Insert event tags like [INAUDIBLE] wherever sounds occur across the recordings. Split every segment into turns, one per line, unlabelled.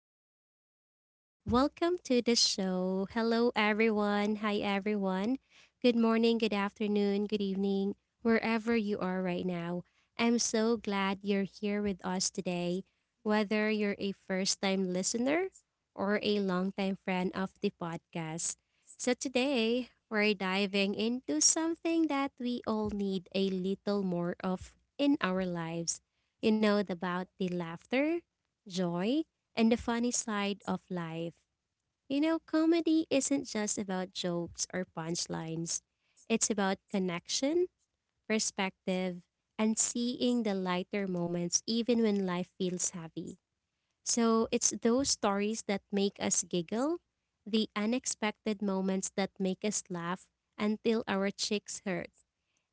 podcast and welcome to the show. Hello, everyone. Hi, everyone. Good morning, good afternoon, good evening, wherever you are right now. I'm so glad you're here with us today. Whether you're a first time listener or a long time friend of the podcast. So, today we're diving into something that we all need a little more of in our lives, about the laughter, joy, and the funny side of life. Comedy isn't just about jokes or punchlines, it's about connection, perspective, and seeing the lighter moments even when life feels heavy. So it's those stories that make us giggle, the unexpected moments that make us laugh until our cheeks hurt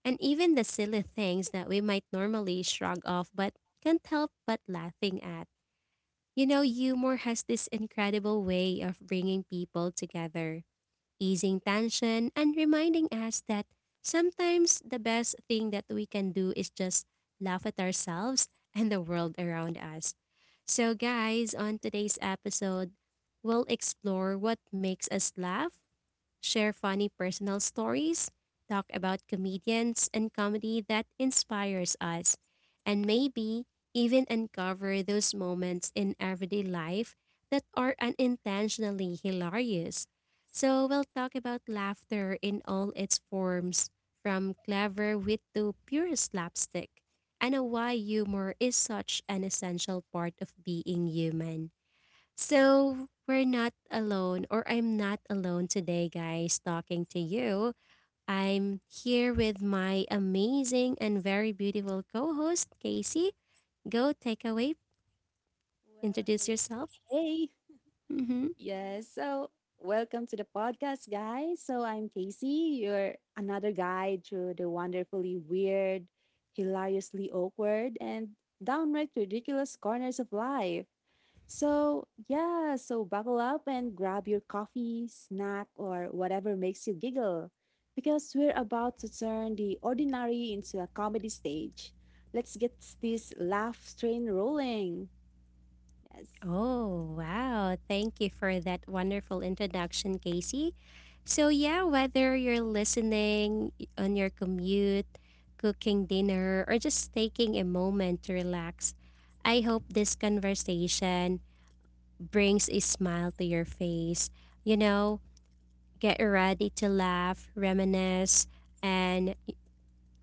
and even the silly things that we might normally shrug off but can't help but laughing at. Humor has this incredible way of bringing people together, easing tension, and reminding us that sometimes the best thing that we can do is just laugh at ourselves [LAUGHS] and the world around us. So, guys, on today's episode, we'll explore what makes us laugh, share funny personal stories, talk about comedians and comedy that inspires us, and maybe even uncover those moments in everyday life that are unintentionally hilarious. So, we'll talk about laughter in all its forms, from clever wit to pure slapstick, and why humor is such an essential part of being human. So we're not alone, or I'm not alone today, guys, talking to you. I'm here with my amazing and very beautiful co host, Casey. Go take away,
Well,
introduce
hey,
yourself.
hey, hey.
Mm-hmm.
Yes. So, welcome to the podcast, guys. So, I'm Casey, your another guide through the wonderfully weird, hilariously awkward, and downright ridiculous corners of life. So, yeah, so buckle up and grab your coffee, snack, or whatever makes you giggle because we're about to turn the ordinary into a comedy stage. Let's get this laugh train rolling. Yes.
Oh, wow. Thank you for that wonderful introduction, Casey. So, yeah, whether you're listening on your commute, cooking dinner, or just taking a moment to relax, I hope this conversation brings a smile to your face. You know, get ready to laugh, reminisce, and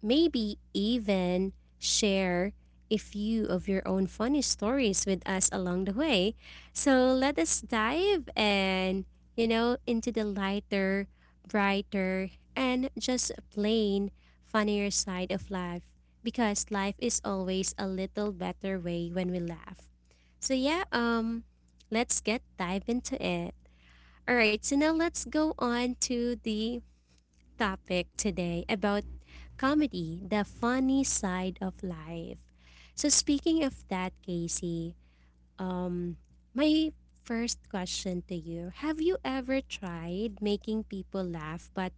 maybe even share a few of your own funny stories with us along the way. So let us dive and into the lighter, brighter, and just plain funnier side of life because life is always a little better way when we laugh. So yeah, let's get dive into it. All right, so now let's go on to the topic today about comedy, the funny side of life. So speaking of that, Casey, um, my first question to you: Have you ever tried making people laugh but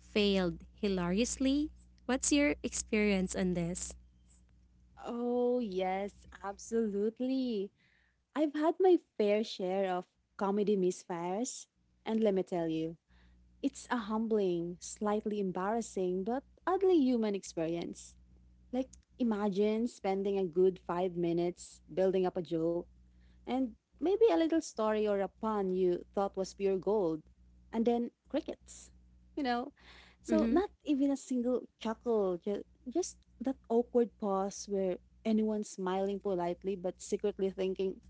failed hilariously? What's your experience on this?
Oh, yes, absolutely. I've had my fair share of comedy misfires, and let me tell you, it's a humbling, slightly embarrassing, but oddly human experience. Like, imagine spending a good 5 minutes building up a joke and maybe a little story or a pun you thought was pure gold, and then crickets, you know? So,
Mm-hmm.
not even a single chuckle, just that awkward pause where anyone smiling politely but secretly thinking,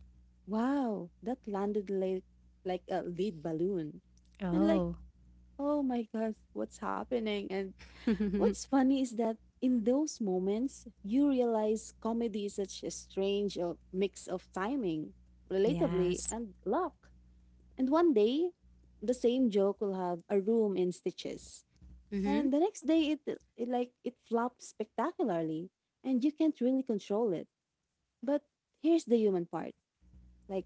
wow, that landed like a lead balloon. And like,
Oh,
oh my gosh, what's happening? And what's
[LAUGHS]
funny is that in those moments, you realize comedy is such a strange mix of timing, relatably,
yes.
and luck. And one day, the same joke will have a room in stitches.
Mm-hmm.
And the next day, it like it flops spectacularly, and you can't really control it. But here's the human part: like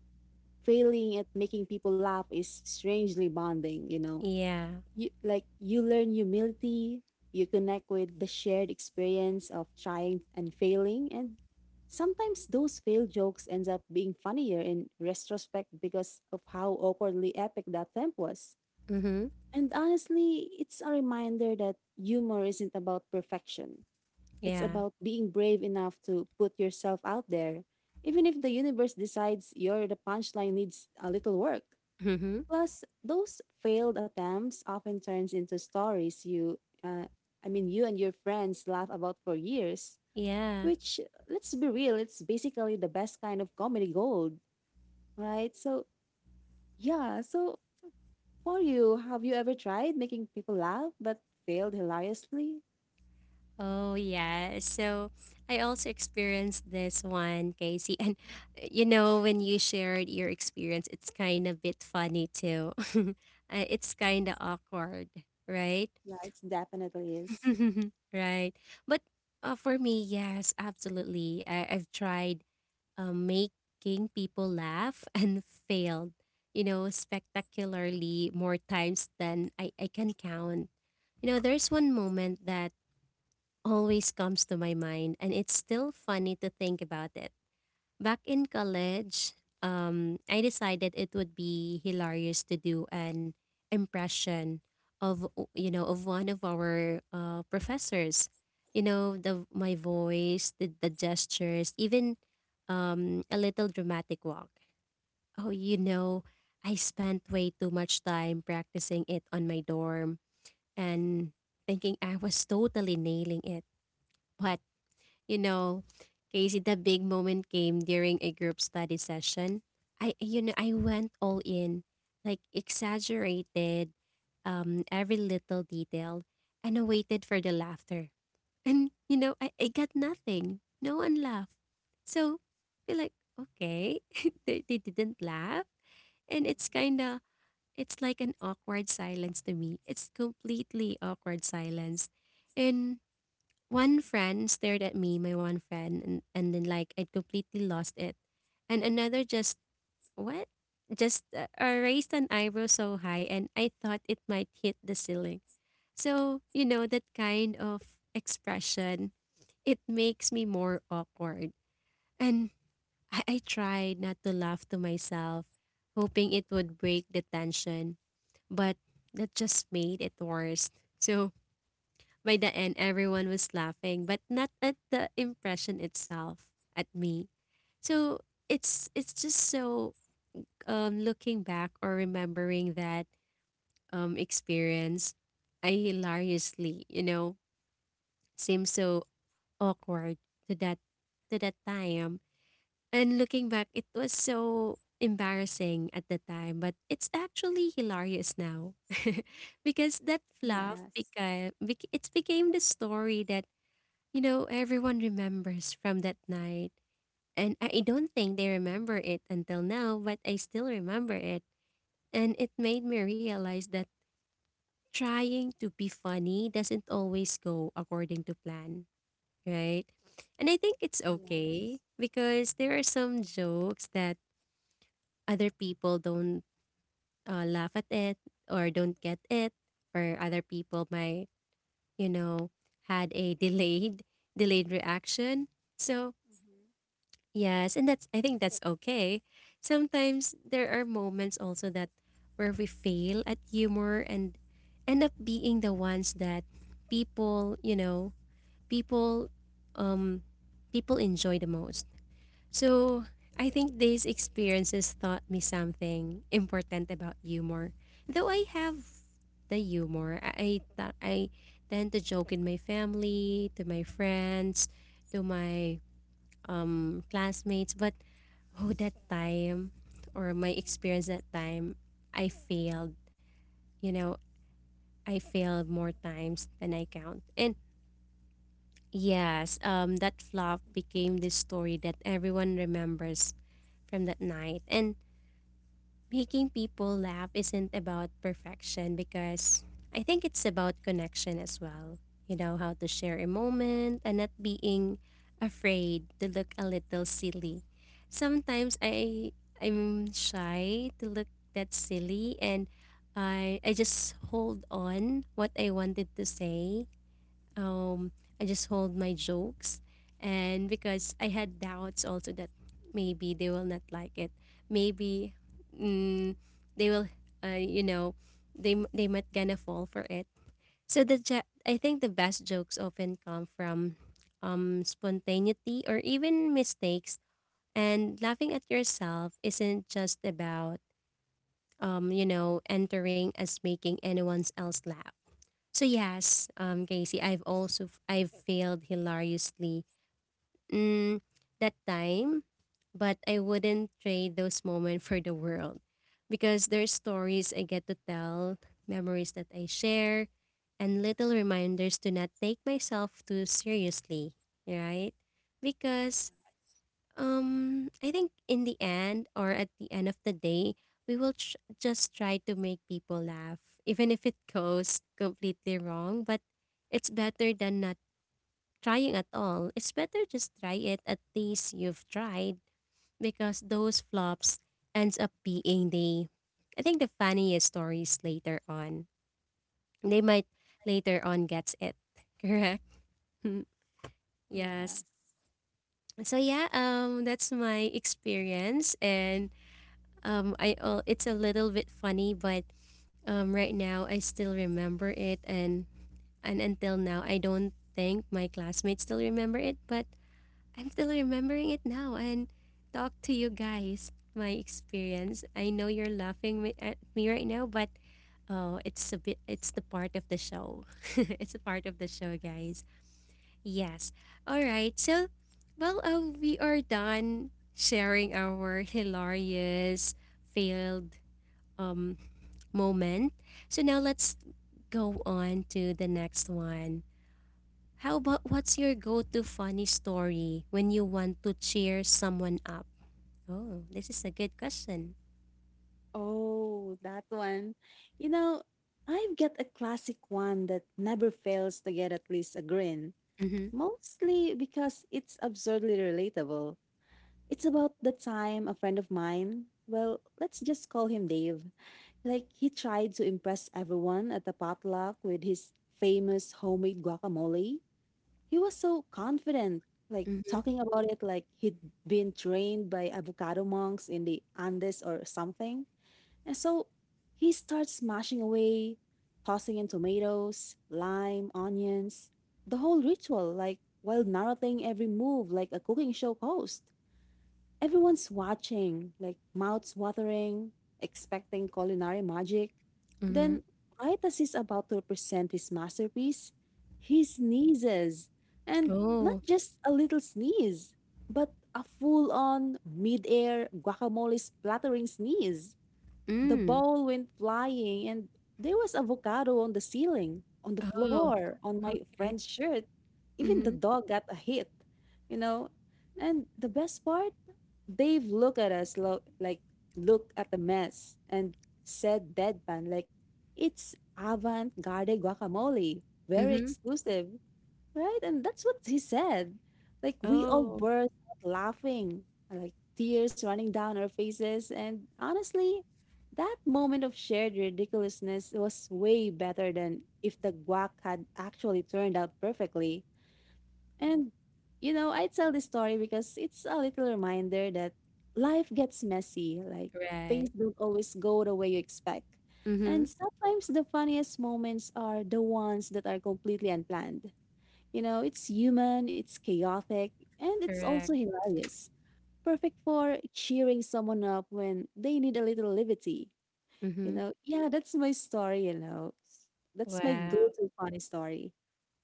failing at making people laugh is strangely bonding, you know.
Yeah.
You, like, you learn humility, you connect with the shared experience of trying and failing, and sometimes those failed jokes ends up being funnier in retrospect because of how awkwardly epic that attempt was.
Mm-hmm.
And honestly, it's a reminder that humor isn't about perfection. It's
Yeah.
about being brave enough to put yourself out there, even if the universe decides your the punchline needs a little work.
Mm-hmm.
Plus, those failed attempts often turns into stories you, uh, I mean, you and your friends laugh about for years.
Yeah.
Which, let's be real, it's basically the best kind of comedy gold, right? So, yeah. So, for you, have you ever tried making people laugh but failed hilariously?
Oh yeah. So I also experienced this one, Casey. [LAUGHS] And when you shared your experience, it's kind of bit funny too. [LAUGHS] It's kind of awkward, right?
Yeah, it definitely is.
[LAUGHS] Right. But for me, yes, absolutely. I've tried making people laugh [LAUGHS] and failed, spectacularly more times than I can count. There's one moment that always comes to my mind, and it's still funny to think about it. Back in college, I decided it would be hilarious to do an impression of of one of our professors. The my voice, the gestures, even a little dramatic walk. Oh, I spent way too much time practicing it on my dorm and thinking I was totally nailing it, but you know, Casey, the big moment came during a group study session. I you know I went all in, like exaggerated every little detail, and I waited for the laughter. [LAUGHS] And I got nothing. No one laughed. So I like okay, [LAUGHS] they didn't laugh, and it's kind of
Mm-hmm.
it's like an awkward silence to me. It's completely awkward silence, and one friend stared at me, my one friend, and, and then I completely lost it. And another just, what? Just raised an eyebrow so high, and I thought it might hit the ceiling. So, that kind of expression, it makes me more awkward. And I tried not to laugh to myself, hoping it would break the tension, but that just made it worse. So, by the end, everyone was laughing, but not at the impression itself at me. So it's just so looking back or remembering that experience, I hilariously, seemed so awkward to that to that time. And looking back, it was so embarrassing at the time, but it's actually hilarious now [LAUGHS] because that fluff
Yes.
it became the story that everyone remembers from that night. And I don't think they remember it until now, but I still remember it. And it made me realize that trying to be funny doesn't always go according to plan, right? And I think it's
Yeah. Yes.
okay because there are some jokes that other people don't laugh at it or don't get it, or other people might, you know, had a [LAUGHS] delayed reaction. So
Mm-hmm.
yes, and that's I think that's okay. Sometimes there are moments also that where we fail at humor and end up being the ones that people, you know, people um people enjoy the most. So, I think these experiences taught me something important about humor. Though I have the humor, I tend to joke in my family, to my friends, to my classmates. But oh, that time or my experience that time, i failed you know I failed more times than I count. And yes, that flop became this story that everyone remembers from that night. And making people laugh isn't about perfection, because I think it's about connection as well. How to share a moment and not being afraid to look a little silly. Sometimes I'm shy to look that silly, and I just hold on what I wanted to say. um, I just hold my jokes. And because I had doubts also that maybe they will not like it. Maybe mm, they will, uh, you know, they might gonna fall for it. So I think the best jokes often come from spontaneity or even mistakes. And laughing at yourself isn't just about, entering as making anyone else laugh. So yes, Casey, I've also I've failed hilariously mm, that time, but I wouldn't trade those moments for the world, because there's stories I get to tell, memories that I share, and little reminders to not take myself too seriously, right? Because
Yes.
I think in the end or at the end of the day, we will just try to make people laugh, even if it goes completely wrong. But it's better than not trying at all. It's better just try it. At least you've tried because those flops ends up being I think the funniest stories later on. They might later on gets it [LAUGHS] correct. [LAUGHS] Yes.
Yes.
So yeah, that's my experience. And I it's a little bit funny, but right now I still remember it, and until now I don't think my classmates still remember it, but I'm still remembering it now and talk to you guys my experience. I know you're laughing at me right now, but oh, it's a bit it's the part of the show. [LAUGHS] It's a part of the show,
Yes.
guys. Yes. All right. So, well, we are done sharing our hilarious failed um, moment. So now let's go on to the next one. How about what's your go-to funny story when you want to cheer someone up? Oh, this is a good question.
Oh, that one. You know, I've got a classic one that never fails to get at least a grin,
Mm-hmm.
mostly because it's absurdly relatable. It's about the time a friend of mine, well, let's just call him Dave, like he tried to impress everyone at the potluck with his famous homemade guacamole. He was so confident, like
Mm-hmm.
talking about it like he'd been trained by avocado monks in the Andes or something. And so he starts smashing away, tossing in tomatoes, lime, onions, the whole ritual, like while narrating every move like a cooking show host. Everyone's watching, like mouths watering, expecting culinary magic.
Mm-hmm.
Then, right as he's about to present his masterpiece, he sneezes. And not
Oh.
just a little sneeze, but a full on mid air guacamole splattering sneeze. The
Mm.
ball went flying, and there was avocado on the ceiling, on the
Oh,
floor, on my
okay.
friend's shirt. Even the
Mm-hmm.
dog got a hit, you know? And the best part, Dave looked at us like, looked at the mess and said deadpan, like, it's avant garde guacamole, very
Mm-hmm.
exclusive. Right? And that's what he said. Like we all
Oh,
burst out laughing, like tears running down our faces. And honestly, that moment of shared ridiculousness was way better than if the guac had actually turned out perfectly. And you know, I tell this story because it's a little reminder that life gets messy, like
right.
things don't always go the way you expect.
Mm-hmm.
And sometimes the funniest moments are the ones that are completely unplanned. You know, it's human, it's chaotic, and it's
Correct.
also hilarious. Perfect for cheering someone up when they need a little levity.
Mm-hmm.
You know, yeah, that's my story, you know. That's my go
Wow.
to funny story.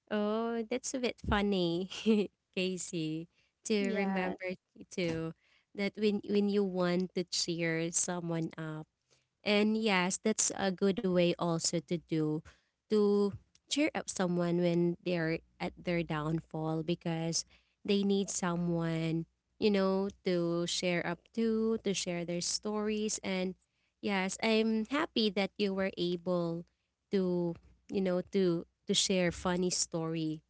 Oh, that's a bit funny, [LAUGHS] Casey, to
Yes.
remember to that when you want to cheer someone up. And yes, that's a good way also to cheer up someone when they're at their downfall because they need someone, to share their stories. And yes, I'm happy that you were able to, to share funny story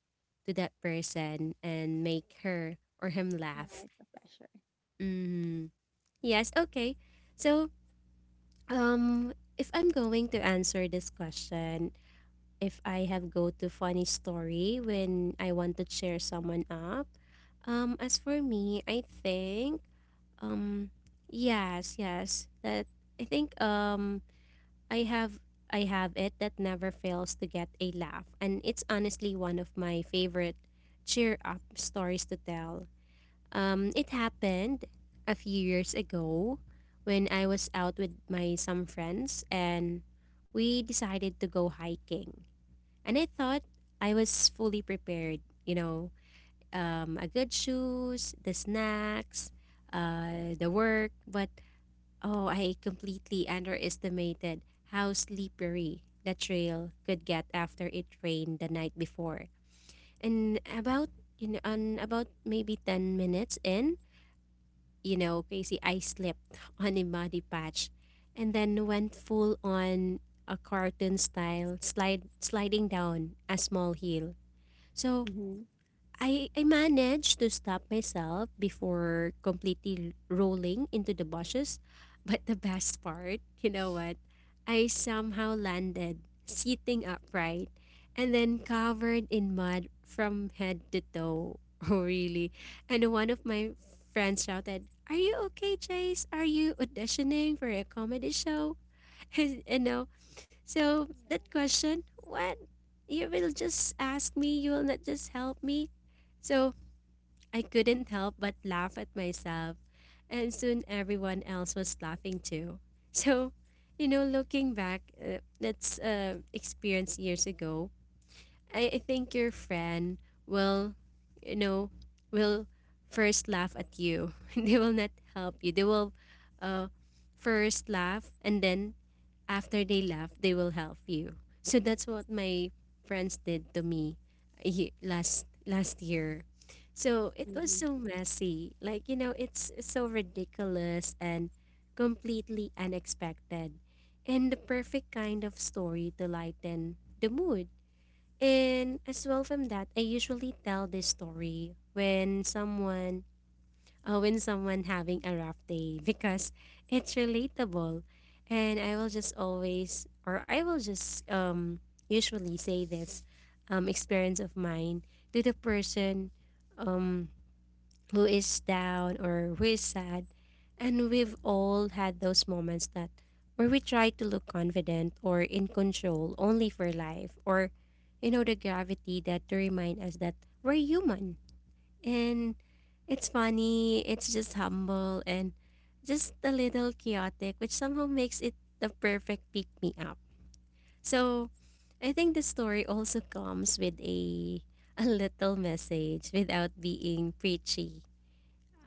to that person and make her or him
Yeah,
laugh.
it's a pleasure.
hmm Yes, okay. So if I'm going to answer this question, if I have go to funny story when I want to cheer someone up, as for me, I think, um, yes, yes, that I think, I have I have it that never fails to get a laugh, and it's honestly one of my favorite cheer up stories to tell. It happened a few years ago when I was out with my some friends and we decided to go hiking. And I thought I was fully prepared, a good shoes, the snacks, the work. But oh, I completely underestimated how slippery the trail could get after it rained the night before. And about on about maybe 10 minutes in, you know, Casey, I slept [LAUGHS] on a muddy patch and then went full on a cartoon style slide sliding down a small hill. So
Mm-hmm.
I managed to stop myself before completely rolling into the bushes. [LAUGHS] But the best part, you know what? I somehow landed sitting upright and then covered in mud from head to toe. [LAUGHS] Oh, really? And one of my friends shouted, "Are you okay, Chase? Are you auditioning for a comedy show?" [LAUGHS] You know, so that question, what? You will just ask me, you will not just help me. So I couldn't help but laugh at myself, and soon everyone else was laughing too. [LAUGHS] So, you know, looking back, that's experience years ago. I think your friend will, you know, will first laugh at you. [LAUGHS] They will not help you. They will uh, first laugh and then after they laugh, they will help you. So that's what my friends did to me last last year. So it was
Mm-hmm.
so messy. Like, you know, it's so ridiculous and completely unexpected and the perfect kind of story to lighten the mood. And as well from that, I usually tell this story when someone having a rough day [LAUGHS] because it's relatable, and I will just always, or I will just usually say this experience of mine to the person, um, who is down or who is sad. And we've all had those moments that where we try to look confident or in control, only for life, or you know, the gravity, that to remind us that we're human. And it's funny, it's just humble and just a little chaotic, which somehow makes it the perfect pick me up. So I think the story also comes with a little message without being preachy.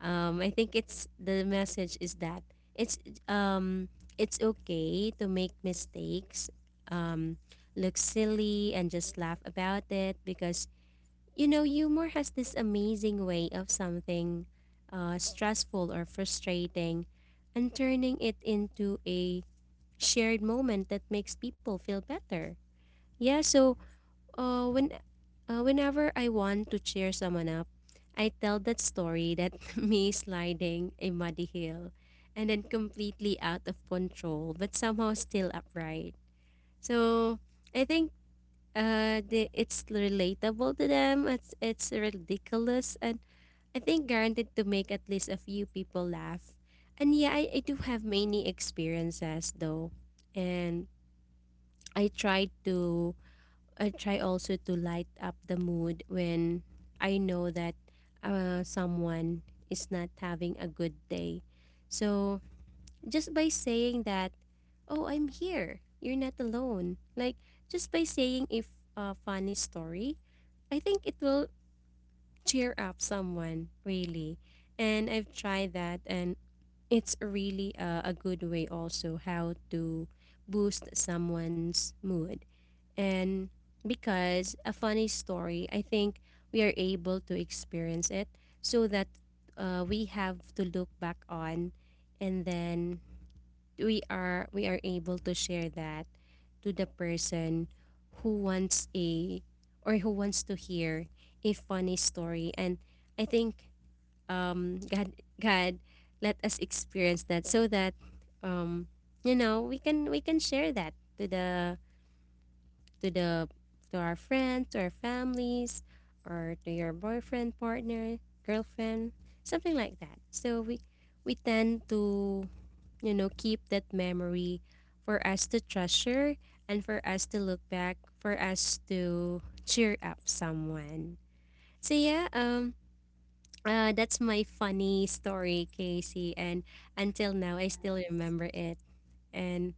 I think it's the message is that it's um it's okay to make mistakes, um, look silly and just laugh about it because you know, humor has this amazing way of something stressful or frustrating and turning it into a shared moment that makes people feel better. Yeah, so when whenever I want to cheer someone up, I tell that story, that [LAUGHS] me sliding a muddy hill and then completely out of control, but somehow still upright. So I think it's relatable to them. It's ridiculous, and I think guaranteed to make at least a few people laugh. And yeah, I do have many experiences though. And I try to I try also to light up the mood when I know that someone is not having a good day. So just by saying that, oh, I'm here. You're not alone. Like just by saying if a funny story, I think it will cheer up someone really. And I've tried that and it's really a good way also how to boost someone's mood. And because a funny story, I think we are able to experience it so that we have to look back on, and then we are able to share that to the person who wants a or who wants to hear a funny story. And I think god god let us experience that so that um you know, we can share that to the to the to our friends, to our families, or to your boyfriend, partner, girlfriend, something like that. So we tend to, you know, keep that memory for us to treasure and for us to look back, for us to cheer up someone. So yeah, that's my funny story, Casey, and until now I still
Yes.
remember it. And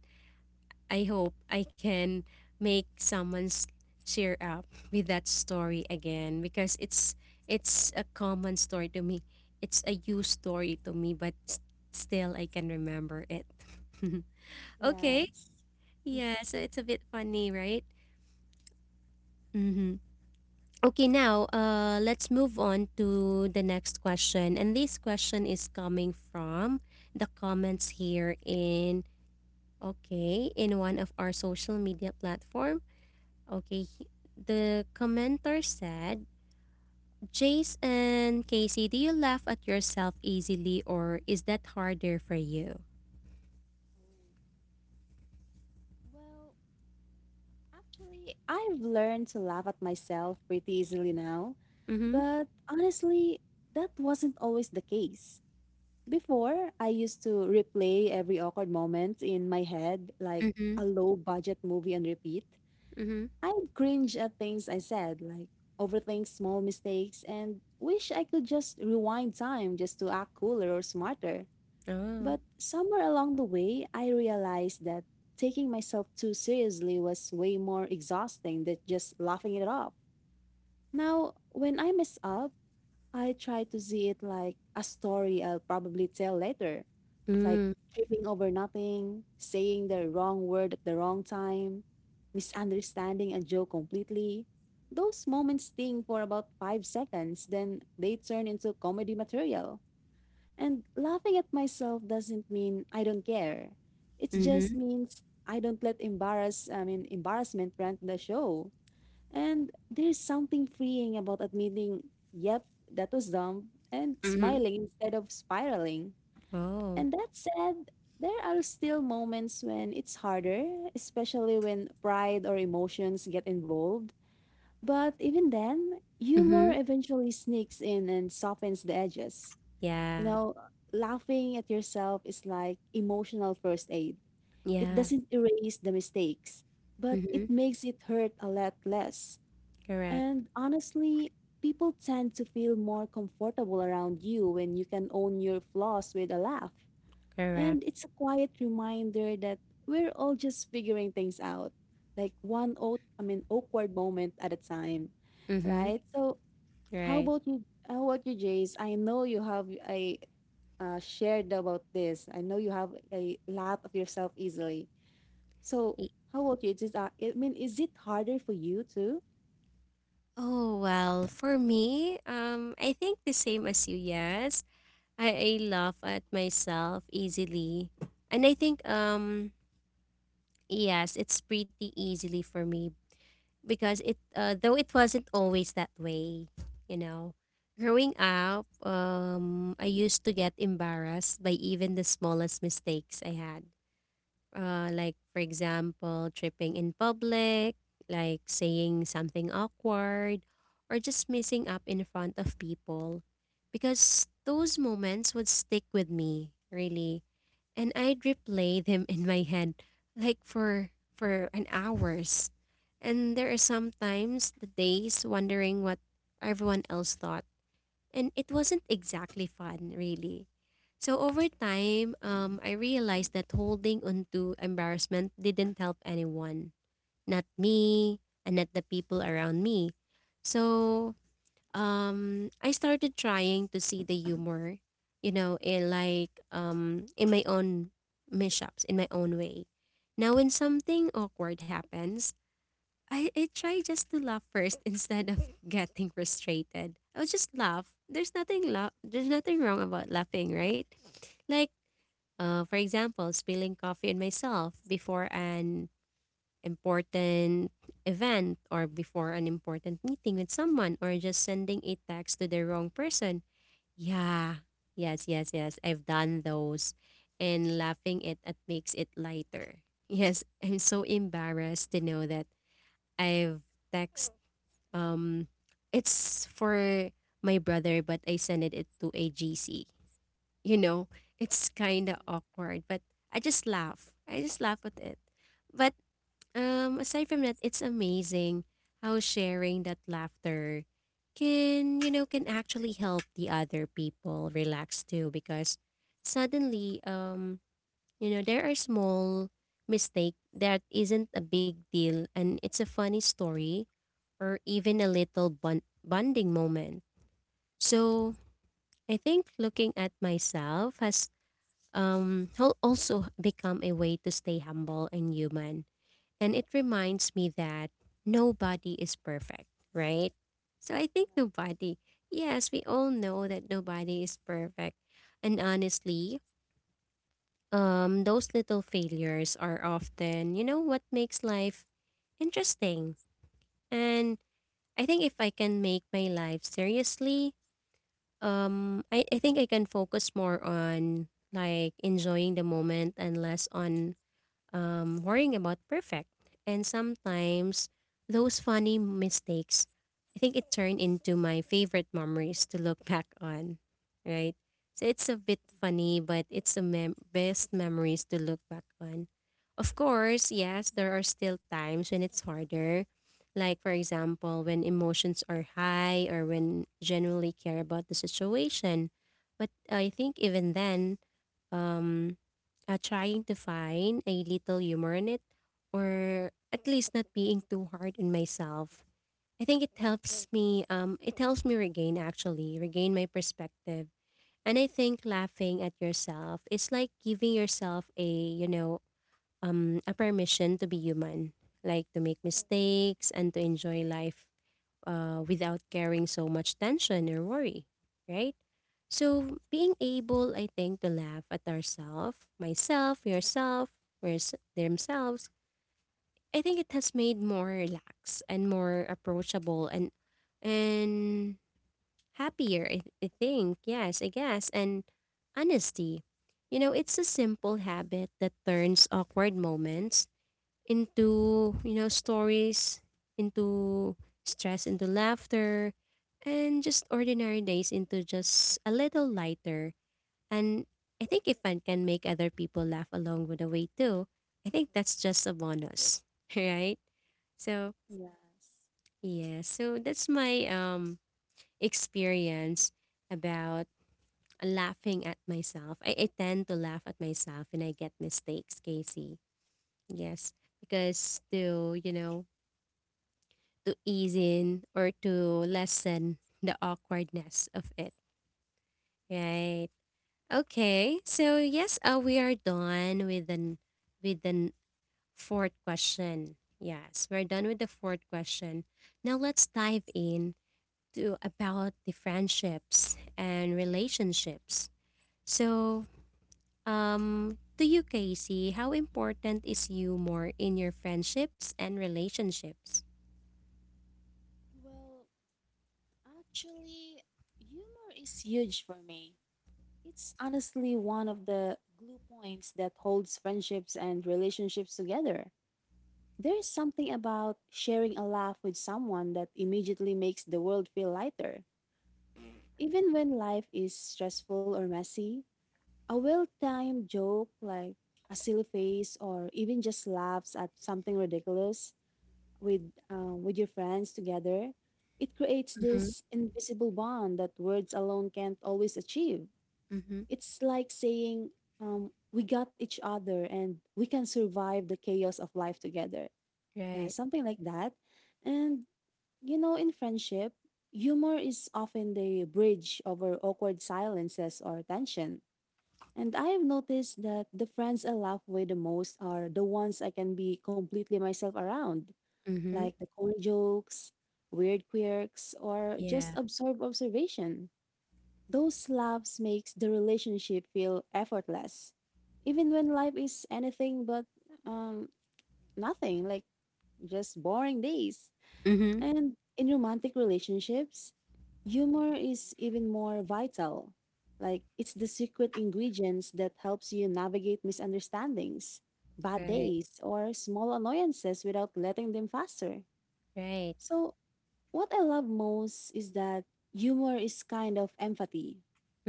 I hope I can make someone's cheer up with that story again because it's a common story to me. It's a used story to me, but s- still I can remember it. [LAUGHS] Okay,
Yes.
yeah, so it's a bit funny, right? Mm-hmm. Okay, now let's move on to the next question. And this question is coming from the comments here in, okay, in one of our social media platform. Okay, the commenter said, "Jace and Casey, do you laugh at yourself easily, or is that harder for you?"
Oh, well, actually, I've learned to laugh at myself pretty easily now,
Mm-hmm.
but honestly, that wasn't always the case. Before, I used to replay every awkward moment in my head, like
Mm-hmm.
a low budget movie on repeat.
Mm-hmm.
I'd cringe at things I said, like overthink small mistakes, and wish I could just rewind time just to act cooler or smarter.
Oh.
But somewhere along the way, I realized that taking myself too seriously was way more exhausting than just laughing it off. Now, when I mess up, I try to see it like a story I'll probably tell later, like
Mm.
tripping over nothing, saying the wrong word at the wrong time, misunderstanding a joke completely. Those moments sting for about 5 seconds, then they turn into comedy material. And laughing at myself doesn't mean I don't care. It
Mm-hmm.
just means I don't let embarrass I mean embarrassment run the show. And there's something freeing about admitting, yep, that was dumb, and
Mm-hmm.
smiling instead of spiraling.
Oh.
And that said, there are still moments when it's harder, especially when pride or emotions get involved. But even then, humor eventually sneaks in and softens the edges. You
Yeah.
know, laughing at yourself is like emotional first aid. It
Yeah.
doesn't erase the mistakes, but
Mhm.
it makes it hurt a lot less.
Correct.
And honestly, people tend to feel more comfortable around you when you can own your flaws with a laugh.
Correct.
And it's a quiet reminder that we're all just figuring things out, like one old, I mean, awkward moment at a time,
Mhm.
right? So, how
Right.
about you? How about you, Jace? I know you have I shared about this. I know you have a lot of yourself easily. So,
Y-
how about you? Is it, I mean, is it harder for you too?
Oh, well, for me, I think the same as you. Yes. I laugh at myself easily. And I think yes, it's pretty easily for me because it though it wasn't always that way, you know. Growing up, I used to get embarrassed by even the smallest mistakes I had. Like, for example, tripping in public, like saying something awkward, or just messing up in front of people. Because those moments would stick with me, really. And I'd replay them in my head, like for an hours. And there are sometimes the days wondering what everyone else thought, and it wasn't exactly fun, really. So over time, I realized that holding on to embarrassment didn't help anyone, not me and not the people around me. So I started trying to see the humor, you know, in my own mishaps, in my own way. Now, when something awkward happens, I try just to laugh first instead of [LAUGHS] getting frustrated. I'll just laugh. There's nothing la- there's nothing wrong about laughing, right? Like, for example, spilling coffee on myself before an important event, or before an important meeting with someone, or just sending a text to the wrong person. Yeah. Yes, yes, yes. I've done those. And laughing it makes it lighter. [LAUGHS] Yes, I'm so embarrassed to know that I've text um, it's for my brother, but I send it to AGC. You know, it's kind of awkward, but I just laugh. I just laugh at it. But aside from that, it's amazing how sharing that laughter can, you know, can actually help the other people relax too because suddenly you know, there are small mistake that isn't a big deal and it's a funny story or even a little bonding moment. So I think looking at myself has also become a way to stay humble and human. And it reminds me that nobody is perfect, right? So I think nobody, yes, we all know that nobody is perfect. And honestly, those little failures are often, you know, what makes life interesting. And I think if I can make my life seriously, I think I can focus more on like enjoying the moment and less on worrying about perfect. And sometimes those funny mistakes, I think it turned into my favorite memories to look [LAUGHS] back on, right? So it's a bit funny, but it's the best memories to look back on. Of course, yes, there are still times when it's harder. Like, for example, when emotions are high or when generally care about the situation. But I think even then, um, trying to find a little humor in it, or at least not being too hard on myself. I think it helps me. It helps me regain, actually regain my perspective, and I think laughing at yourself is like giving yourself a you know a permission to be human, like to make mistakes and to enjoy life, without carrying so much tension or worry, right? So, being able, I think, to laugh at ourselves, myself, yourself, where's themselves, I think it has made more relaxed and more approachable and happier. I think yes, I guess, and honesty. You know, it's a simple habit that turns awkward moments into, you know, stories, into stress, into laughter, and just ordinary days into just a little lighter. And I think if one can make other people laugh along with the way too, I think that's just a bonus, [LAUGHS] right? So,
Yes.
yeah, so that's my experience about laughing at myself. I tend to laugh at myself when I get mistakes, Casey. Yes, because to, you know, to ease in or to lessen the awkwardness of it, right? Okay, so yes, we are done with the with the fourth question. Yes, we're done with the fourth question. Now let's dive in to about the friendships and relationships. So, to you, Casey, how important is you more in your friendships and relationships?
Well, actually, humor is huge for me. It's honestly one of the glue points that holds friendships and relationships together. There is something about sharing a laugh with someone that immediately makes the world feel lighter. Even when life is stressful or messy, a well timed joke like a silly face or even just laughs at something ridiculous with your friends together, it creates
Mm-hmm.
this invisible bond that words alone can't always achieve.
Mm-hmm.
It's like saying, we got each other and we can survive the chaos of life together. Yeah,
Right.
something like that. And, you know, in friendship, humor is often the bridge over awkward silences or tension. And I have noticed that the friends I laugh with the most are the ones I can be completely myself around,
Mm-hmm.
like the corny jokes, weird quirks, or just
Yeah.
absorb observation. Those laughs makes the relationship feel effortless, even when life is anything but um nothing, like just boring days.
Mhm.
And in romantic relationships, humor is even more vital. Like it's the secret ingredients that helps you navigate misunderstandings, bad
Right,
days, or small annoyances without letting them faster.
right.
So what I love most is that humor is kind of empathy,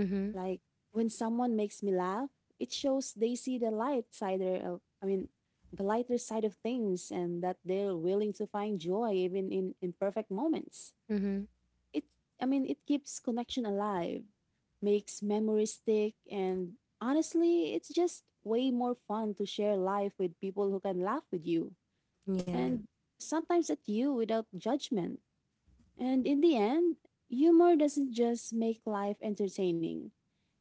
Mm-hmm.
like when someone makes me laugh, it shows they see the light side of, I mean, the lighter side of things and that they're willing to find joy even in imperfect moments.
Mm-hmm.
It, I mean, it keeps connection alive, makes memories stick, and honestly, it's just way more fun to share life with people who can laugh with you
Yeah.
and sometimes at you without judgment. And in the end, humor doesn't just make life entertaining.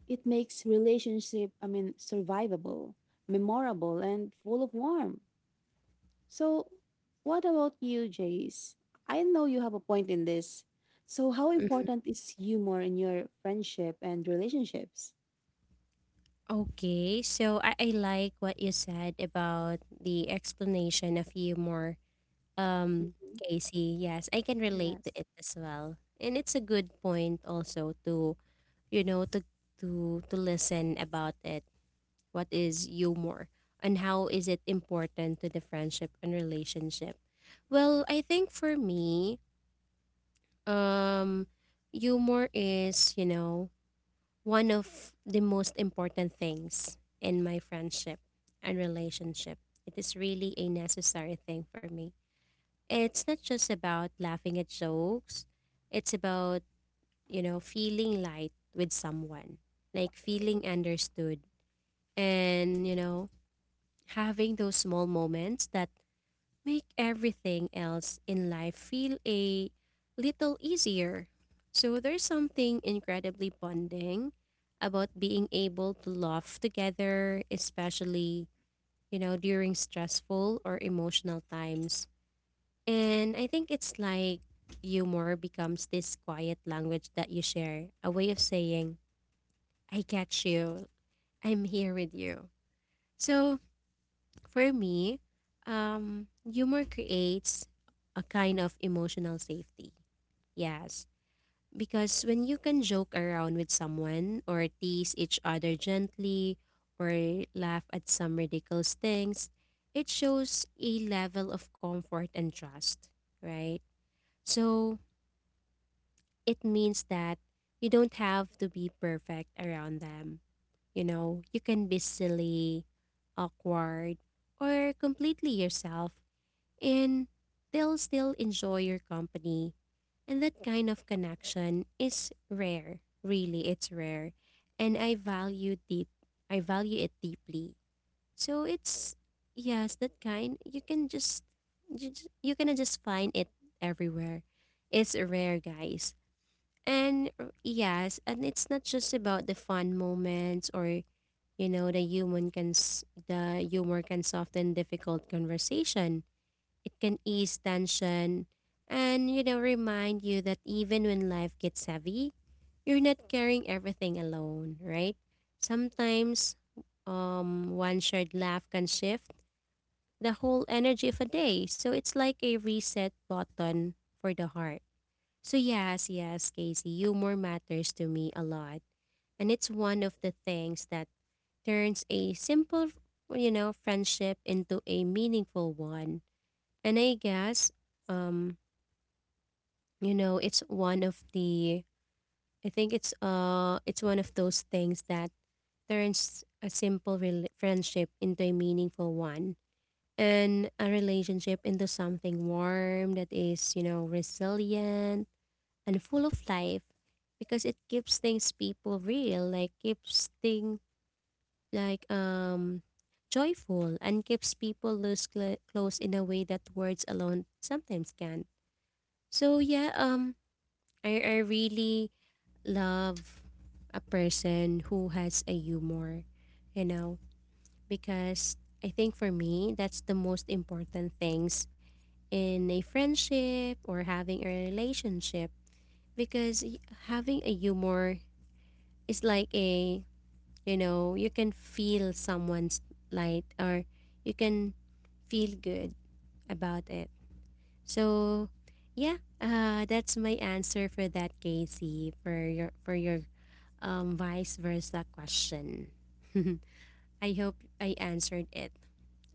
It makes relationship, I mean, survivable, memorable, and full of warmth. So, what about you, Jace? I know you have a point in this. So, how
Mhm.
important is humor in your friendship and relationships?
Okay. So I like what you said about the explanation of humor. Um, Casey, yes, I can relate to
Yes.
it as well. And it's a good point also to, you know, to listen about it. What is humor and how is it important to the friendship and relationship? Well, I think for me, um, humor is, you know, one of the most important things in my friendship and relationship. It is really a necessary thing for me. It's not just about laughing at jokes, it's about, you know, feeling light with someone, like feeling understood and, you know, having those small moments that make everything else in life feel a little easier. So there's something incredibly bonding about being able to laugh together, especially, you know, during stressful or emotional times. And I think it's like humor becomes this quiet language that you share, a way of saying, I catch you, I'm here with you. So for me, humor creates a kind of emotional safety. Yes. Because when you can joke around with someone or tease each other gently or laugh at some ridiculous things, it shows a level of comfort and trust, right? So it means that you don't have to be perfect around them. You know, you can be silly, awkward, or completely yourself and they'll still enjoy your company. And that kind of connection is rare. Really, it's rare. And I value it deeply. So it's, yes, that kind you can just you can just find it everywhere. It's rare, guys. And yes, and it's not just about the fun moments or, you know, the humor can soften difficult conversation, it can ease tension and, you know, remind you that even when life gets heavy, you're not carrying everything alone, right? Sometimes, one shared laugh can shift the whole energy of a day. So it's like a reset button for the heart. So, yes, yes, Casey, humor matters to me a lot. And it's one of the things that turns a simple, you know, friendship into a meaningful one. And I guess, um, you know, it's one of the I think it's it's one of those things that turns a simple friendship into a meaningful one and a relationship into something warm that is, you know, resilient and full of life because it keeps things people real, like keeps things like joyful and keeps people loose close in a way that words alone sometimes can't. So yeah, I really love a person who has a humor, you know, because I think for me, that's the most important things in a friendship or having a relationship because having a humor is like a, you know, you can feel someone's light or you can feel good about it. So, yeah, that's my answer for that, Casey, for your vice versa question. [LAUGHS] I hope I answered it,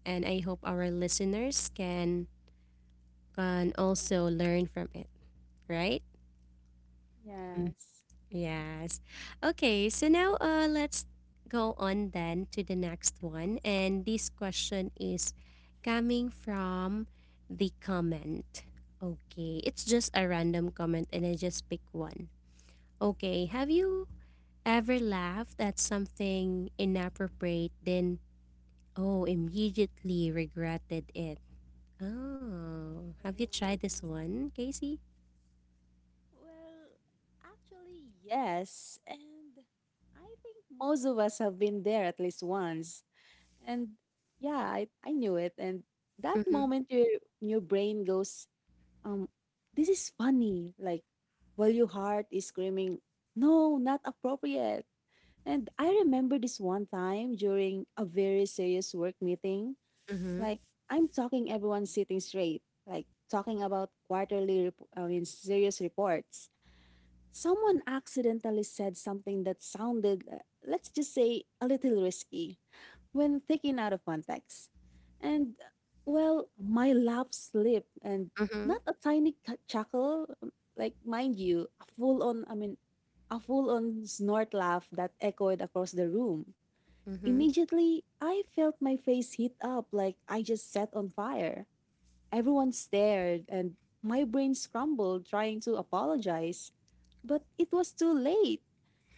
and I hope our listeners can also learn from it. Right? Mm.
Yes.
Yes. Okay. So now, let's go on then to the next one, and this question is coming from the comment. Okay, it's just a random comment, and I just pick one. Okay, have you ever laughed at something inappropriate then, oh, immediately regretted it. Oh, have you tried this
Oh,
one, Casey?
well, actually, yes. And I think most of us have been there at least once. And yeah, I knew it. And that
Mm-hmm.
moment your brain goes, um, this is funny. Like while your heart is screaming, no, not appropriate. And I remember this one time during a very serious work meeting.
Mm-hmm.
Like I'm talking everyone sitting straight, like talking about quarterly, I mean, serious reports. Someone accidentally said something that sounded, let's just say, a little risky when taken out of context. And well, my laugh slipped and
Mm-hmm.
not a tiny chuckle, like mind you, a full on, I mean, a full on snort laugh that echoed across the room. Immediately, I felt my face heat up like I just set on fire. Everyone stared and my brain scrambled trying to apologize, but it was too late.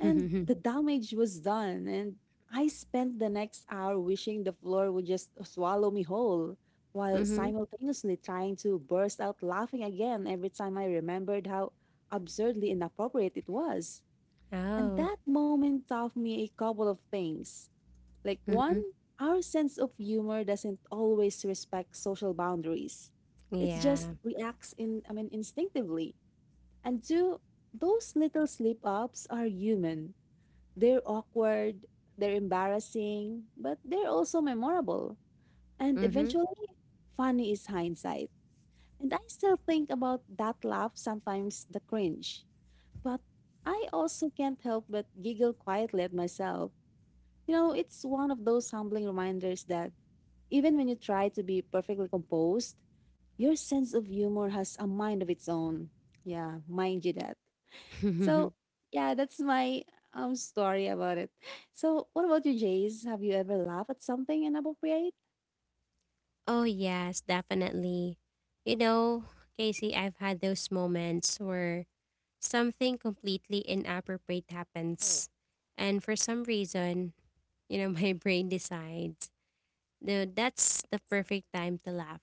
And
Mm-hmm.
the damage was done, and I spent the next hour wishing the floor would just swallow me whole,
[LAUGHS]
while
Mm-hmm.
simultaneously trying to burst out laughing again every time I remembered how absurdly inappropriate it was. And
Oh.
that moment taught me a couple of things. Like, one,
Mm-hmm.
our sense of humor doesn't always respect social boundaries, it
Yeah.
just reacts in, I mean, instinctively. And two, those little slip ups are human, they're awkward, they're embarrassing, but they're also memorable. And eventually, funny is hindsight. And I still think about that laugh, sometimes the cringe. But I also can't help but giggle quietly at myself. You know, it's one of those humbling reminders that even when you try to be perfectly composed, your sense of humor has a mind of its own. Yeah, mind you that.
Mm-hmm.
So yeah, that's my story about it. So what about you, Jace? Have you ever laughed at something inappropriate?
[LAUGHS] Oh yes, definitely. You know, Casey, I've had those moments where something completely inappropriate happens, and for some reason, you know, [LAUGHS] my brain decides, no, that's the perfect time to laugh.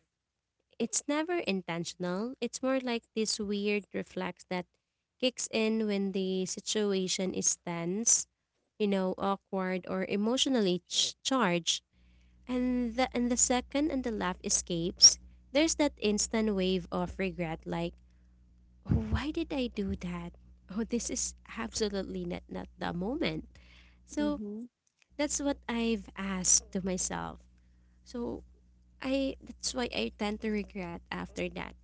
It's never intentional. It's more like this weird reflex that kicks in when the situation is tense, you know, awkward or emotionally charged. And the second and the laugh escapes, there's that instant wave of regret like, "Oh, why did I do that? Oh, this is absolutely not, not the moment." So
Mm-hmm.
that's what I've asked to myself. So I that's why I tend to regret after that.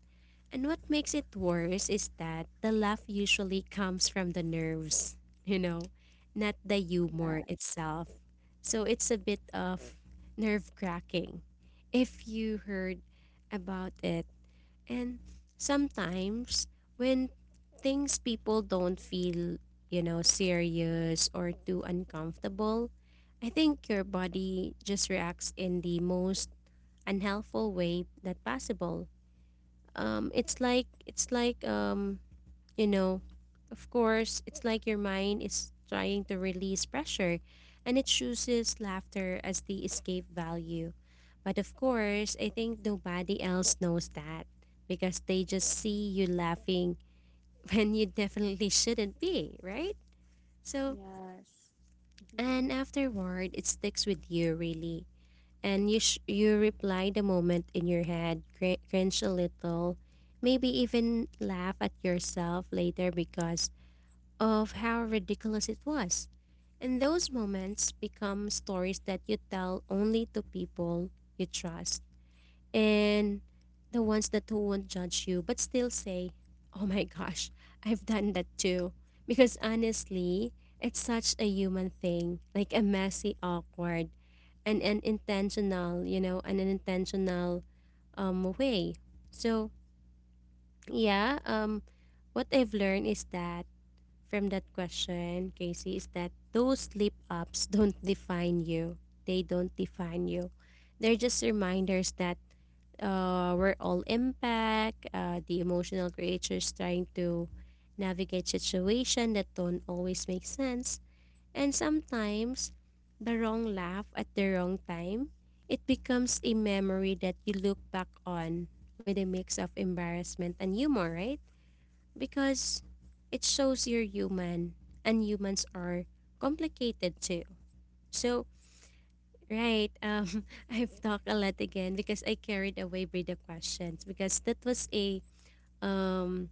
And what makes it worse is that the laugh usually comes from the nerves, [LAUGHS] you know, not the humor
Yes.
itself. So it's a bit of nerve cracking, if you heard about it. And sometimes when things people don't feel, you know, serious or too uncomfortable, I think your body just reacts in the most unhelpful way that possible. It's like, you know, of course, it's like your mind is trying to release pressure and it chooses laughter as the escape value. But of course, I think nobody else knows that, because they just see you laughing [LAUGHS] when you definitely shouldn't be, right? So,
Yes. Mhm.
and afterward it sticks with you really, and you reply the moment in your head, cringe a little, maybe even laugh at yourself later because of how ridiculous it was. And those moments become stories that you tell only to people you trust, and the ones that who won't judge you but still say, "Oh my gosh, I've done that too." Because honestly, it's such a human thing, like a messy, awkward, and an intentional, you know, an unintentional way. So yeah, what I've learned is that, from that question, Casey, is that those slip ups don't define you. They don't define you. They're just reminders that, we're all impact, the emotional creatures trying to navigate situation that don't always make sense. And sometimes the wrong laugh at the wrong time, it becomes a memory that you look back on with a mix of embarrassment and humor, right? Because it shows you're human and humans are complicated too. So, right. [LAUGHS] I've talked a lot again because I carried away by the questions because that was a um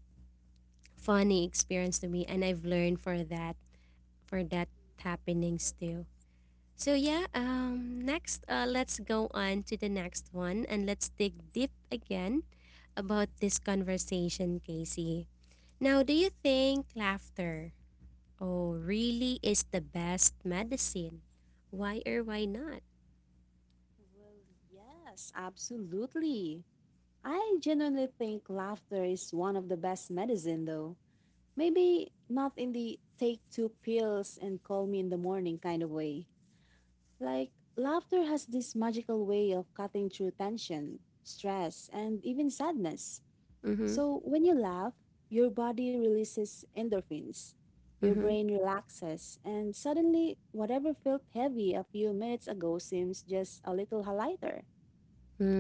funny experience to me and I've learned for that happenings too. So yeah, next, let's go on to the next one and let's dig deep again about this conversation, Casey. Now, do you think laughter, oh, really is the best medicine? Why or why not?
Well, yes, absolutely. I genuinely think laughter is one of the best medicine though. Maybe not in the take two pills and call me in the morning kind of way. Like, laughter has this magical way of cutting through tension, stress, and even sadness.
Mhm.
So, when you laugh, your body releases endorphins, your
Mhm.
brain relaxes, and suddenly whatever felt heavy a few minutes ago seems just a little lighter.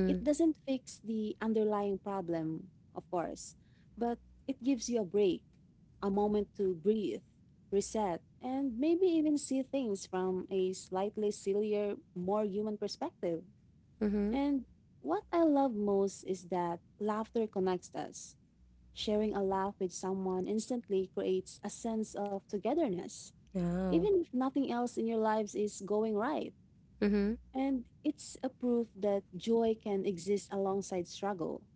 It doesn't fix the underlying problem, of course, but it gives you a break, a moment to breathe, reset, and maybe even see things from a slightly sillier, more human perspective.
Mhm.
And what I love most is that laughter connects us. Sharing a laugh with someone instantly creates a sense of togetherness,
Oh.
even if nothing else in your lives is going right.
Mhm.
And it's a proof that joy can exist alongside struggle,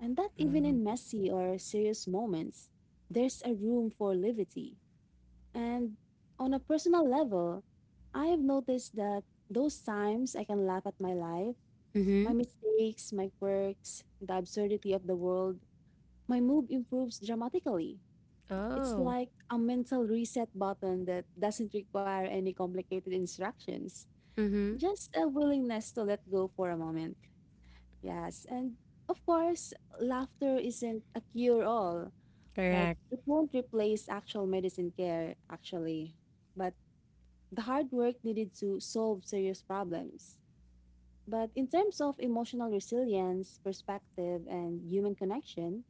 and that even
Oh.
in messy or serious moments, there's a room for levity. And on a personal level, I have noticed that those times I can laugh at my life,
Mhm.
my mistakes, my quirks, the absurdity of the world, my mood improves dramatically. It's
Oh.
like a mental reset button that doesn't require any complicated instructions,
Mhm.
just a willingness to let go for a moment. Yes, and of course, laughter isn't a cure all. Like,
Correct.
it won't replace actual medicine care, actually, but the hard work needed to solve serious problems. But in terms of emotional resilience, perspective, and human connection,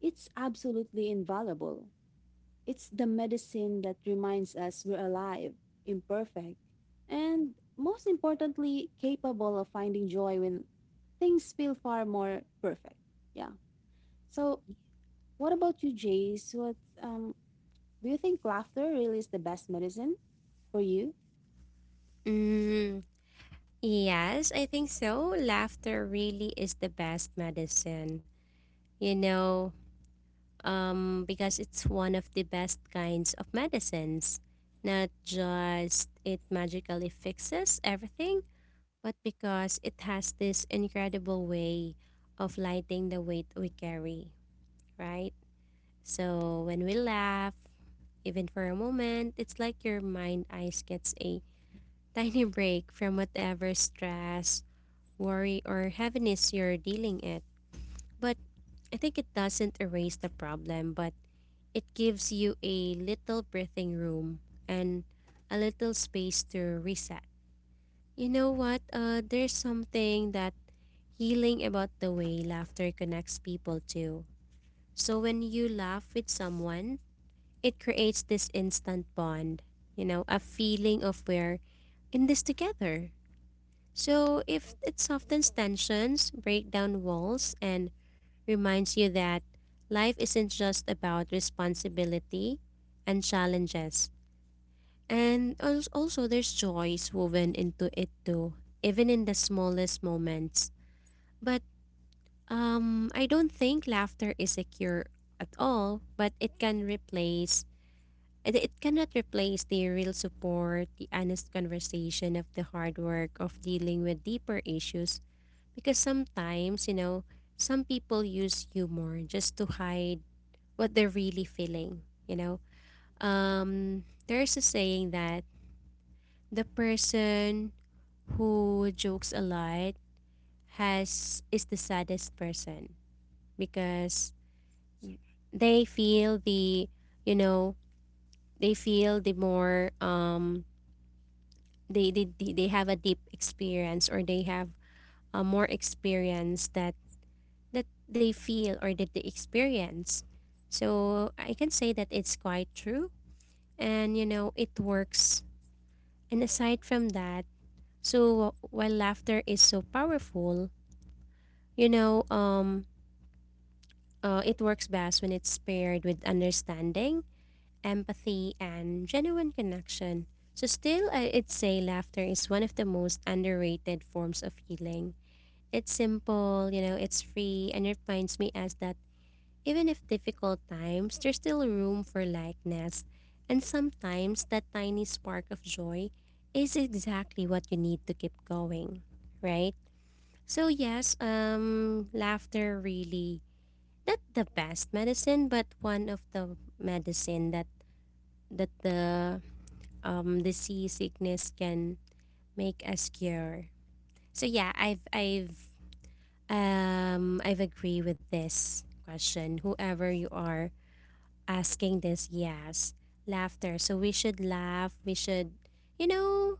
it's absolutely invaluable. It's the medicine that reminds us we're alive, imperfect, and most importantly, capable of finding joy when things feel far more perfect. Yeah. So, what about you, Jace? What, um, do you think laughter really is the best medicine for you?
Mm, yes, I think so. Laughter really is the best medicine, you know, because it's one of the best kinds of medicines. Not just it magically fixes everything, but because it has this incredible way of lighting the weight we carry, right? So when we laugh, even for a moment, it's like your mind eyes gets a [LAUGHS] tiny break from whatever stress, worry, or heaviness you're dealing it. But I think it doesn't erase the problem, but it gives you a little breathing room and a little space to reset. You know what? There's something that healing about the way laughter connects people too. So when you laugh with someone, it creates this instant bond, you know, a feeling of we're in this together. So if it softens tensions, break down walls, and reminds you that life isn't just about responsibility and challenges. And also, there's joys woven into it too, even in the smallest moments. But I don't think laughter is a cure at all, but it can replace it cannot replace the real support, the honest conversation of the hard work of dealing with deeper issues. Because sometimes, you know, some people use humor just to hide what they're really feeling, you know. There's a saying that the person who jokes a lot has is the saddest person because they feel the, you know, they feel the more they they have a deep experience or they have a more experience that that they feel or that they experience. So I can say that it's quite true and you know it works. And aside from that, so while laughter is so powerful, you know it works best when it's paired with understanding, empathy and genuine connection. So still, I'd say laughter is one of the most underrated forms of healing. It's simple, you know, it's free, and it reminds me as that even if difficult times, there's still room for lightness. And sometimes that tiny spark of joy is exactly what you need to keep going, right? So yes, laughter really, not the best medicine, but one of the medicine that that the disease sickness can make us cure. So yeah, I've I've agree with this question. Whoever you are asking this, yes, laughter. So we should laugh. We should, you know,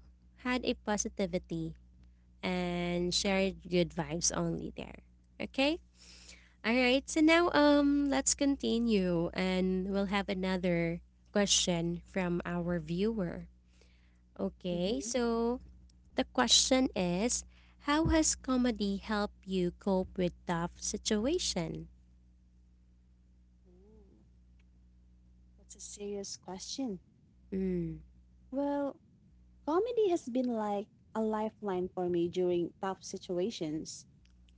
had a positivity and share good vibes only there. Okay. All right. So now, let's continue, and we'll have another question from our viewer. Okay.
Mm-hmm.
So the question is, how has comedy helped you cope with tough situation?
Ooh, that's a serious question.
Mm.
Well, comedy has been like a lifeline for me during tough situations.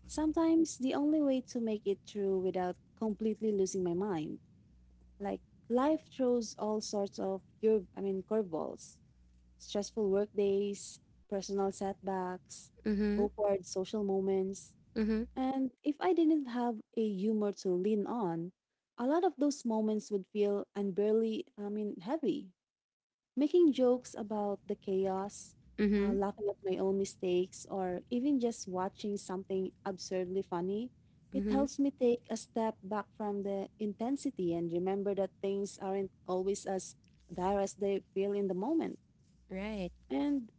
Sometimes the only way to make it through without completely losing my mind. Like, life throws all sorts of curve I mean curveballs. Stressful work days, personal setbacks,
Mhm.
awkward social moments.
Mhm.
And if I didn't have a humor to lean on, a lot of those moments would feel unbearably I mean heavy. Making jokes about the chaos,
Mhm.
laughing at my own mistakes, or even just watching something absurdly funny, it
Mhm.
helps me take a step back from the intensity and remember that things aren't always as dire as they feel in the moment.
Right.
And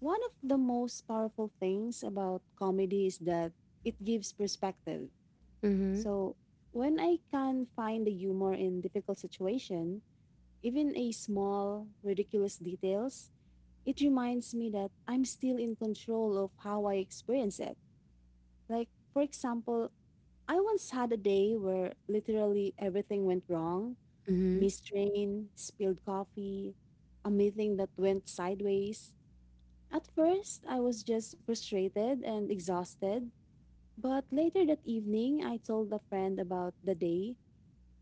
one of the most powerful things about comedy is that it gives perspective.
Mhm.
So when I can find the humor in difficult situation, even a small ridiculous details, it reminds me that I'm still in control of how I experience it. Like, for example, I once had a day where literally everything went wrong,
Mhm.
missed train, spilled coffee, a meeting that went sideways. At first, I was just frustrated and exhausted. But later that evening, I told a friend about the day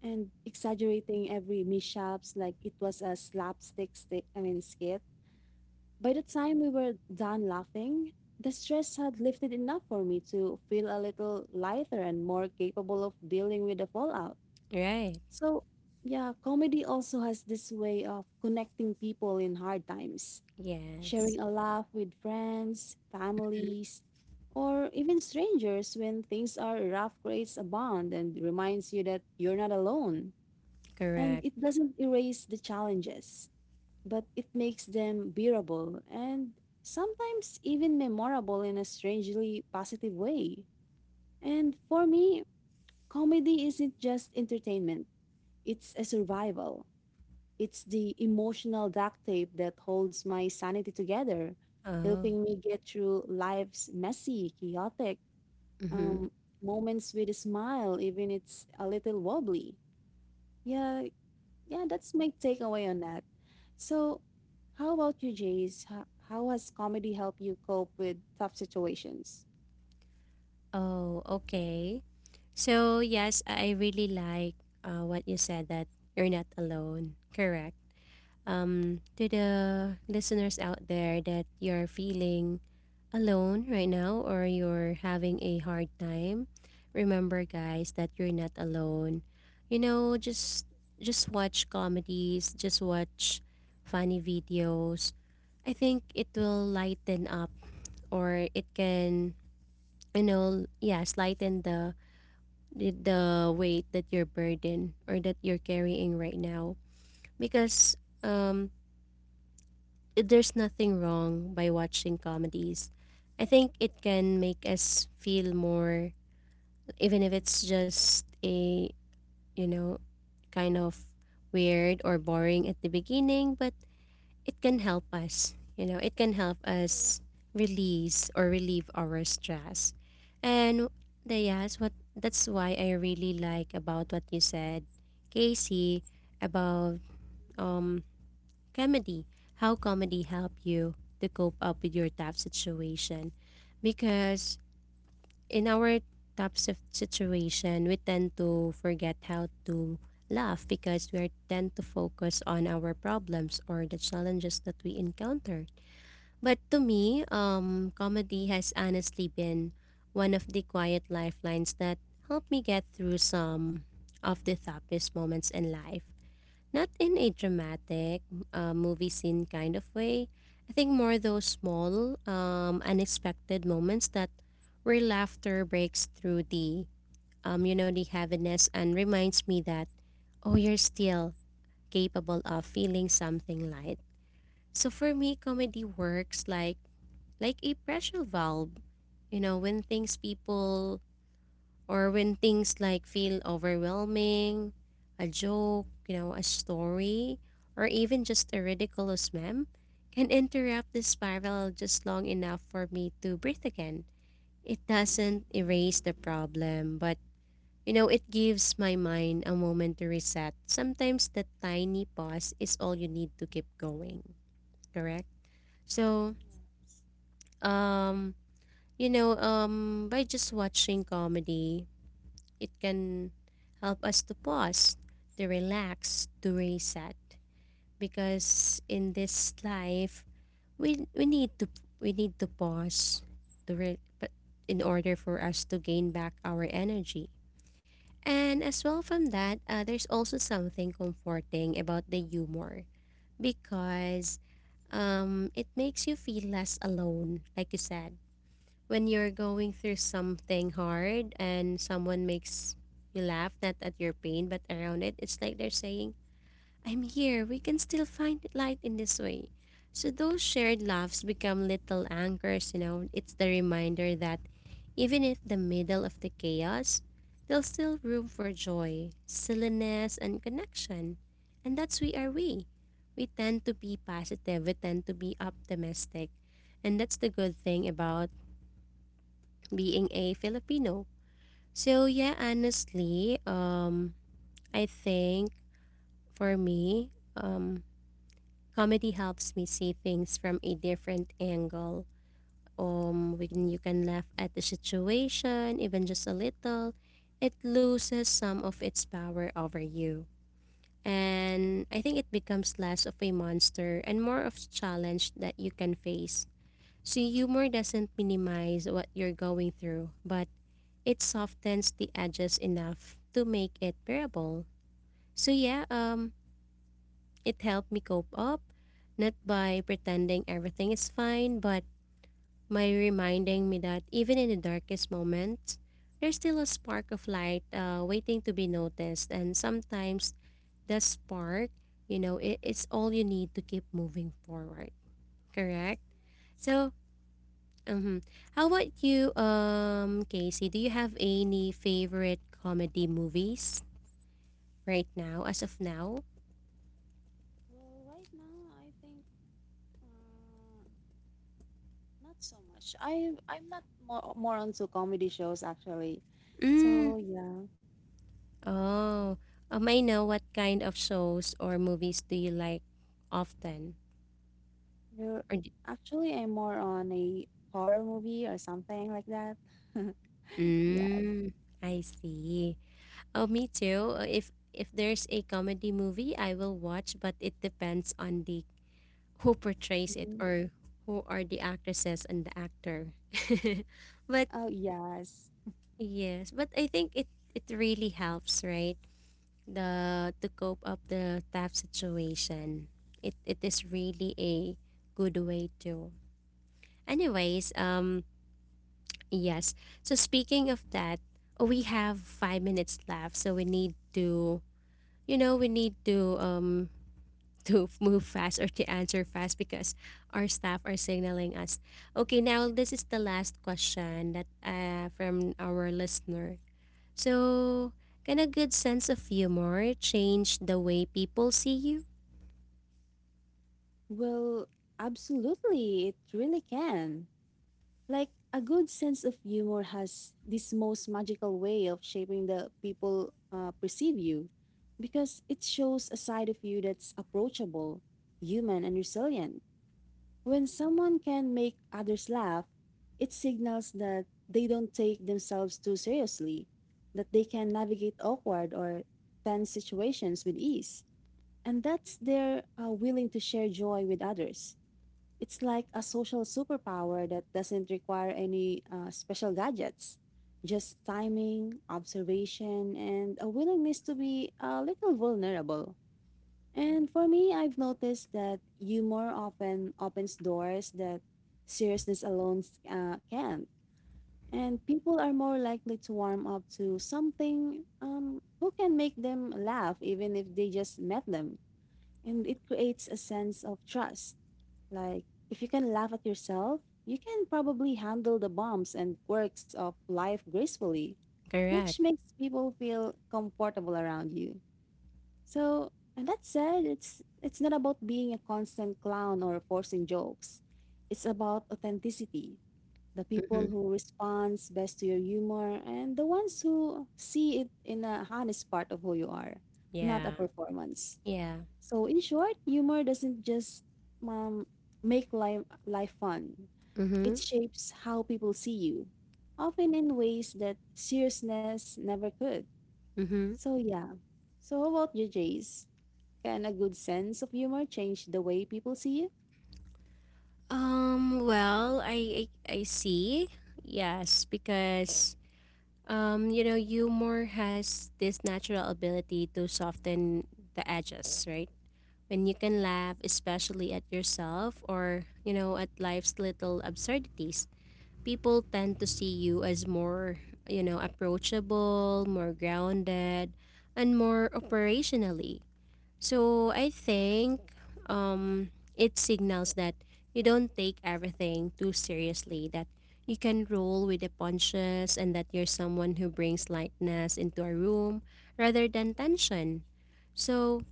and exaggerating every mishaps like it was a I mean skit. By the time we were done laughing, the stress had lifted enough for me to feel a little lighter and more capable of dealing with the fallout.
Right.
So, yeah, comedy also has this way of connecting people in hard times, sharing
Yes.
a laugh with friends, families, or even strangers when things are rough creates a bond and reminds you that you're not alone. And
Correct.
it doesn't erase the challenges but it makes them bearable and sometimes even memorable in a strangely positive way. And for me, comedy isn't just entertainment, it's a survival. It's the emotional duct tape that holds my sanity together,
Oh.
helping me get through life's messy, chaotic, um,
Mhm.
moments with a smile, even it's a little wobbly. Yeah, yeah, that's my takeaway on that. So, how about you, Jace? How has comedy helped you cope with tough situations?
Oh, okay. So, yes, I really like, what you said that you're not alone. Correct. To the listeners out there that you're feeling alone right now or you're having a hard time, remember guys that you're not alone. You know, just watch comedies, just watch funny videos. I think it will lighten up or it can yes, lighten the weight that you're burden or that you're carrying right now because um there's nothing wrong by watching comedies. I think it can make us feel more even if it's just a, you know, kind of weird or boring at the beginning, but it can help us. You know, it can help us release or relieve our stress. And the yes, what that's why I really like about what you said, Casey, about um comedy. How comedy help you to cope up with your tough situation. Because in our situation, we tend to forget how to laugh because we are tend to focus on our problems or the challenges that we encounter. But to me, comedy has honestly been one of the quiet lifelines that helped me get through some of the toughest moments in life. Not in a dramatic movie scene kind of way. I think more those small, unexpected moments that where laughter breaks through the the heaviness and reminds me that, oh, you're still capable of feeling something light. So for me, comedy works like a pressure valve you know when things people or when things like feel overwhelming, a joke, you know, a story, or even just a ridiculous meme can interrupt the spiral just long enough for me to breathe again. It doesn't erase the problem, but you know, it gives my mind a moment to reset. Sometimes that tiny pause is all you need to keep going, correct? So, um, by just watching comedy, it can help us to pause, to relax, to reset. Because in this life, we we need to we need to pause, to re- but in order for us to gain back our energy. And as well from that, there's also something comforting about the humor because it makes you feel less alone, like you said when you're going through something hard and someone makes you laugh, not at your pain, but around it, it's like they're saying, I'm here, we can still find light in this way. So those shared laughs become little anchors, you know. It's the reminder that even in the middle of the chaos, there's still room for joy, silliness, and connection. And that's we are we. We tend to be positive, we tend to be optimistic. And that's the good thing about being a Filipino. So yeah, honestly, I think for me, um, comedy helps me see things from a different angle. When you can laugh at the situation, even just a little, it loses some of its power over you. And I think it becomes less of a monster and more of a challenge that you can face. So humor doesn't minimize what you're going through, but it softens the edges enough to make it bearable. So yeah, it helped me cope up, not by pretending everything is fine, but by reminding me that even in the darkest moments, there's still a spark of light waiting to be noticed, and sometimes that spark, it's all you need to keep moving forward. Correct. So, um, how about you, Casey? Do you have any favorite comedy movies right now, as of now?
Well, right now I think, mm, not so much. I'm not more onto comedy shows actually. So,
Mm.
yeah,
Oh, I know what kind of shows or movies do you like often?
we're,
Or d
actually, I'm more on a horror movie or something like that. [LAUGHS] Yes.
mm, I see. Oh, me too. If there's a comedy movie, I will watch, but it depends on the who portrays it
Mhm.
or who are the actresses and the actor. [LAUGHS] But
Oh, yes.
yes, but I think it really helps, right? The to cope up the tough situation. It is really a good way to. Anyways, yes. So speaking of that, we have 5 minutes left, so we need to you know, we need to [LAUGHS] move fast or to answer fast because our staff are signaling us. Okay, now this is the last question that from our listener. So, can a good sense of humor change the way people see you?
Well, absolutely. It really can. Like, a good sense of humor has this most magical way of shaping the people perceive you because it shows a side of you that's approachable, human, and resilient. When someone can make others laugh, it signals that they don't take themselves too seriously, that they can navigate awkward or tense situations with ease, and that they're willing to share joy with others. It's like a social superpower that doesn't require any special gadgets, just timing, observation, and a willingness to be a little vulnerable. And for me, I've noticed that humor often opens doors that seriousness alone can't. And people are more likely to warm up to something who can make them laugh, even if they just met them, and it creates a sense of trust. Like, if you can laugh at yourself, you can probably handle the bumps and quirks of life gracefully, which
Correct.
makes people feel comfortable around you. So, and that said, it's not about being a constant clown or forcing jokes. It's about authenticity. The people
Mm-hmm.
who responds best to your humor and the ones who see it in a honest part of who you are, not a
Yeah.
performance.
Yeah.
So in short, humor doesn't just, um, make life fun.
Mm-hmm.
It shapes how people see you, often in ways that seriousness never could.
Mm-hmm.
So yeah. So how about you, Jace? Can a good sense of humor change the way people see you?
Well, I see. Yes, because you know, humor has this natural ability to soften the edges, right? When you can laugh, especially at yourself or, you know, at life's little absurdities, people tend to see you as more, you know, approachable, more grounded, and more operationally. So I think um, it signals that you don't take everything too seriously, that you can roll with the punches, and that you're someone who brings lightness into a room rather than tension. So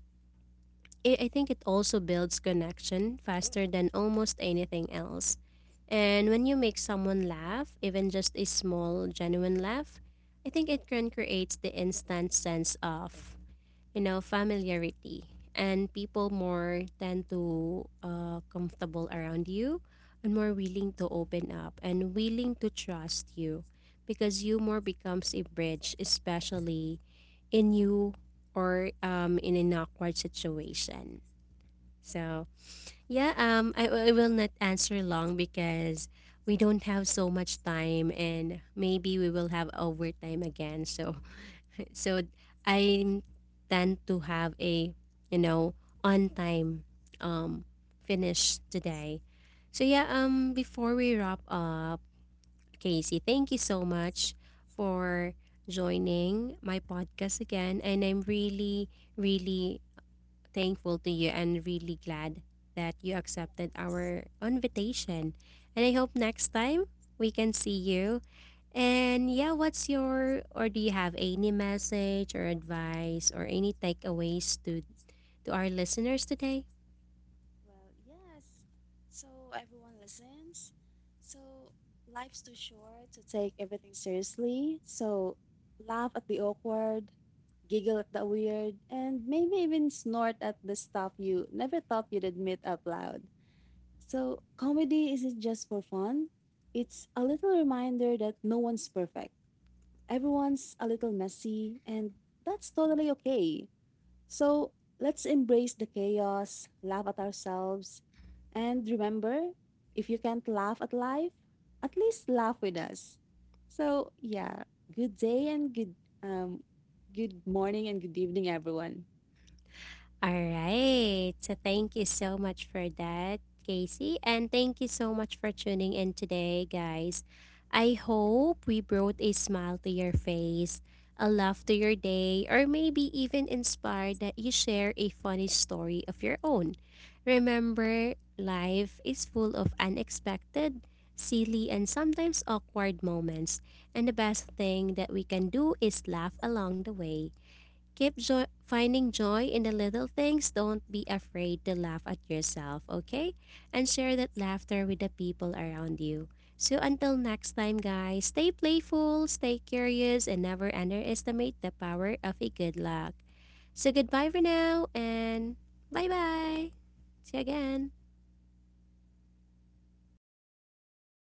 I think it also builds connection faster than almost anything else. And when you make someone laugh, even just a small, genuine laugh, I think it can create the instant sense of you know, familiarity. And people more tend to comfortable around you and more willing to open up and willing to trust you because you more becomes a bridge, especially in you or in an awkward situation. So yeah, I will not answer long because we don't have so much time and maybe we will have overtime again. So so I tend to have a, you know, on time um finish today. So yeah, before we wrap up, Casey, thank you so much for joining my podcast again and I'm really thankful to you and really glad that you accepted
Yes.
our invitation. And I hope next time we can see you and yeah, what's your or do you have any message or advice or any takeaways to our listeners today?
Well, yes. So everyone listens. So life's too short to take everything seriously. So laugh at the awkward, giggle at the weird, and maybe even snort at the stuff you never thought you'd admit out loud. So comedy isn't just for fun. It's a little reminder that no one's perfect. Everyone's a little messy, and that's totally okay. So let's embrace the chaos, laugh at ourselves, and remember, if you can't laugh at life, at least laugh with us. So, yeah, good day and um good morning and good evening everyone.
All right. So thank you so much for that, Casey. And thank you so much for tuning in today, guys. I hope we brought a smile to your face, a laugh to your day, or maybe even inspired that you share a funny story of your own. Remember, life is full of unexpected, silly, and sometimes awkward moments. And the best thing that we can do is laugh along the way. Keep joy, finding joy in the little things. Don't be afraid to laugh at yourself, okay? And share that laughter with the people around you. So until next time, guys, stay playful, stay curious, and never underestimate the power of a good luck. So goodbye for now, and bye bye. See you again.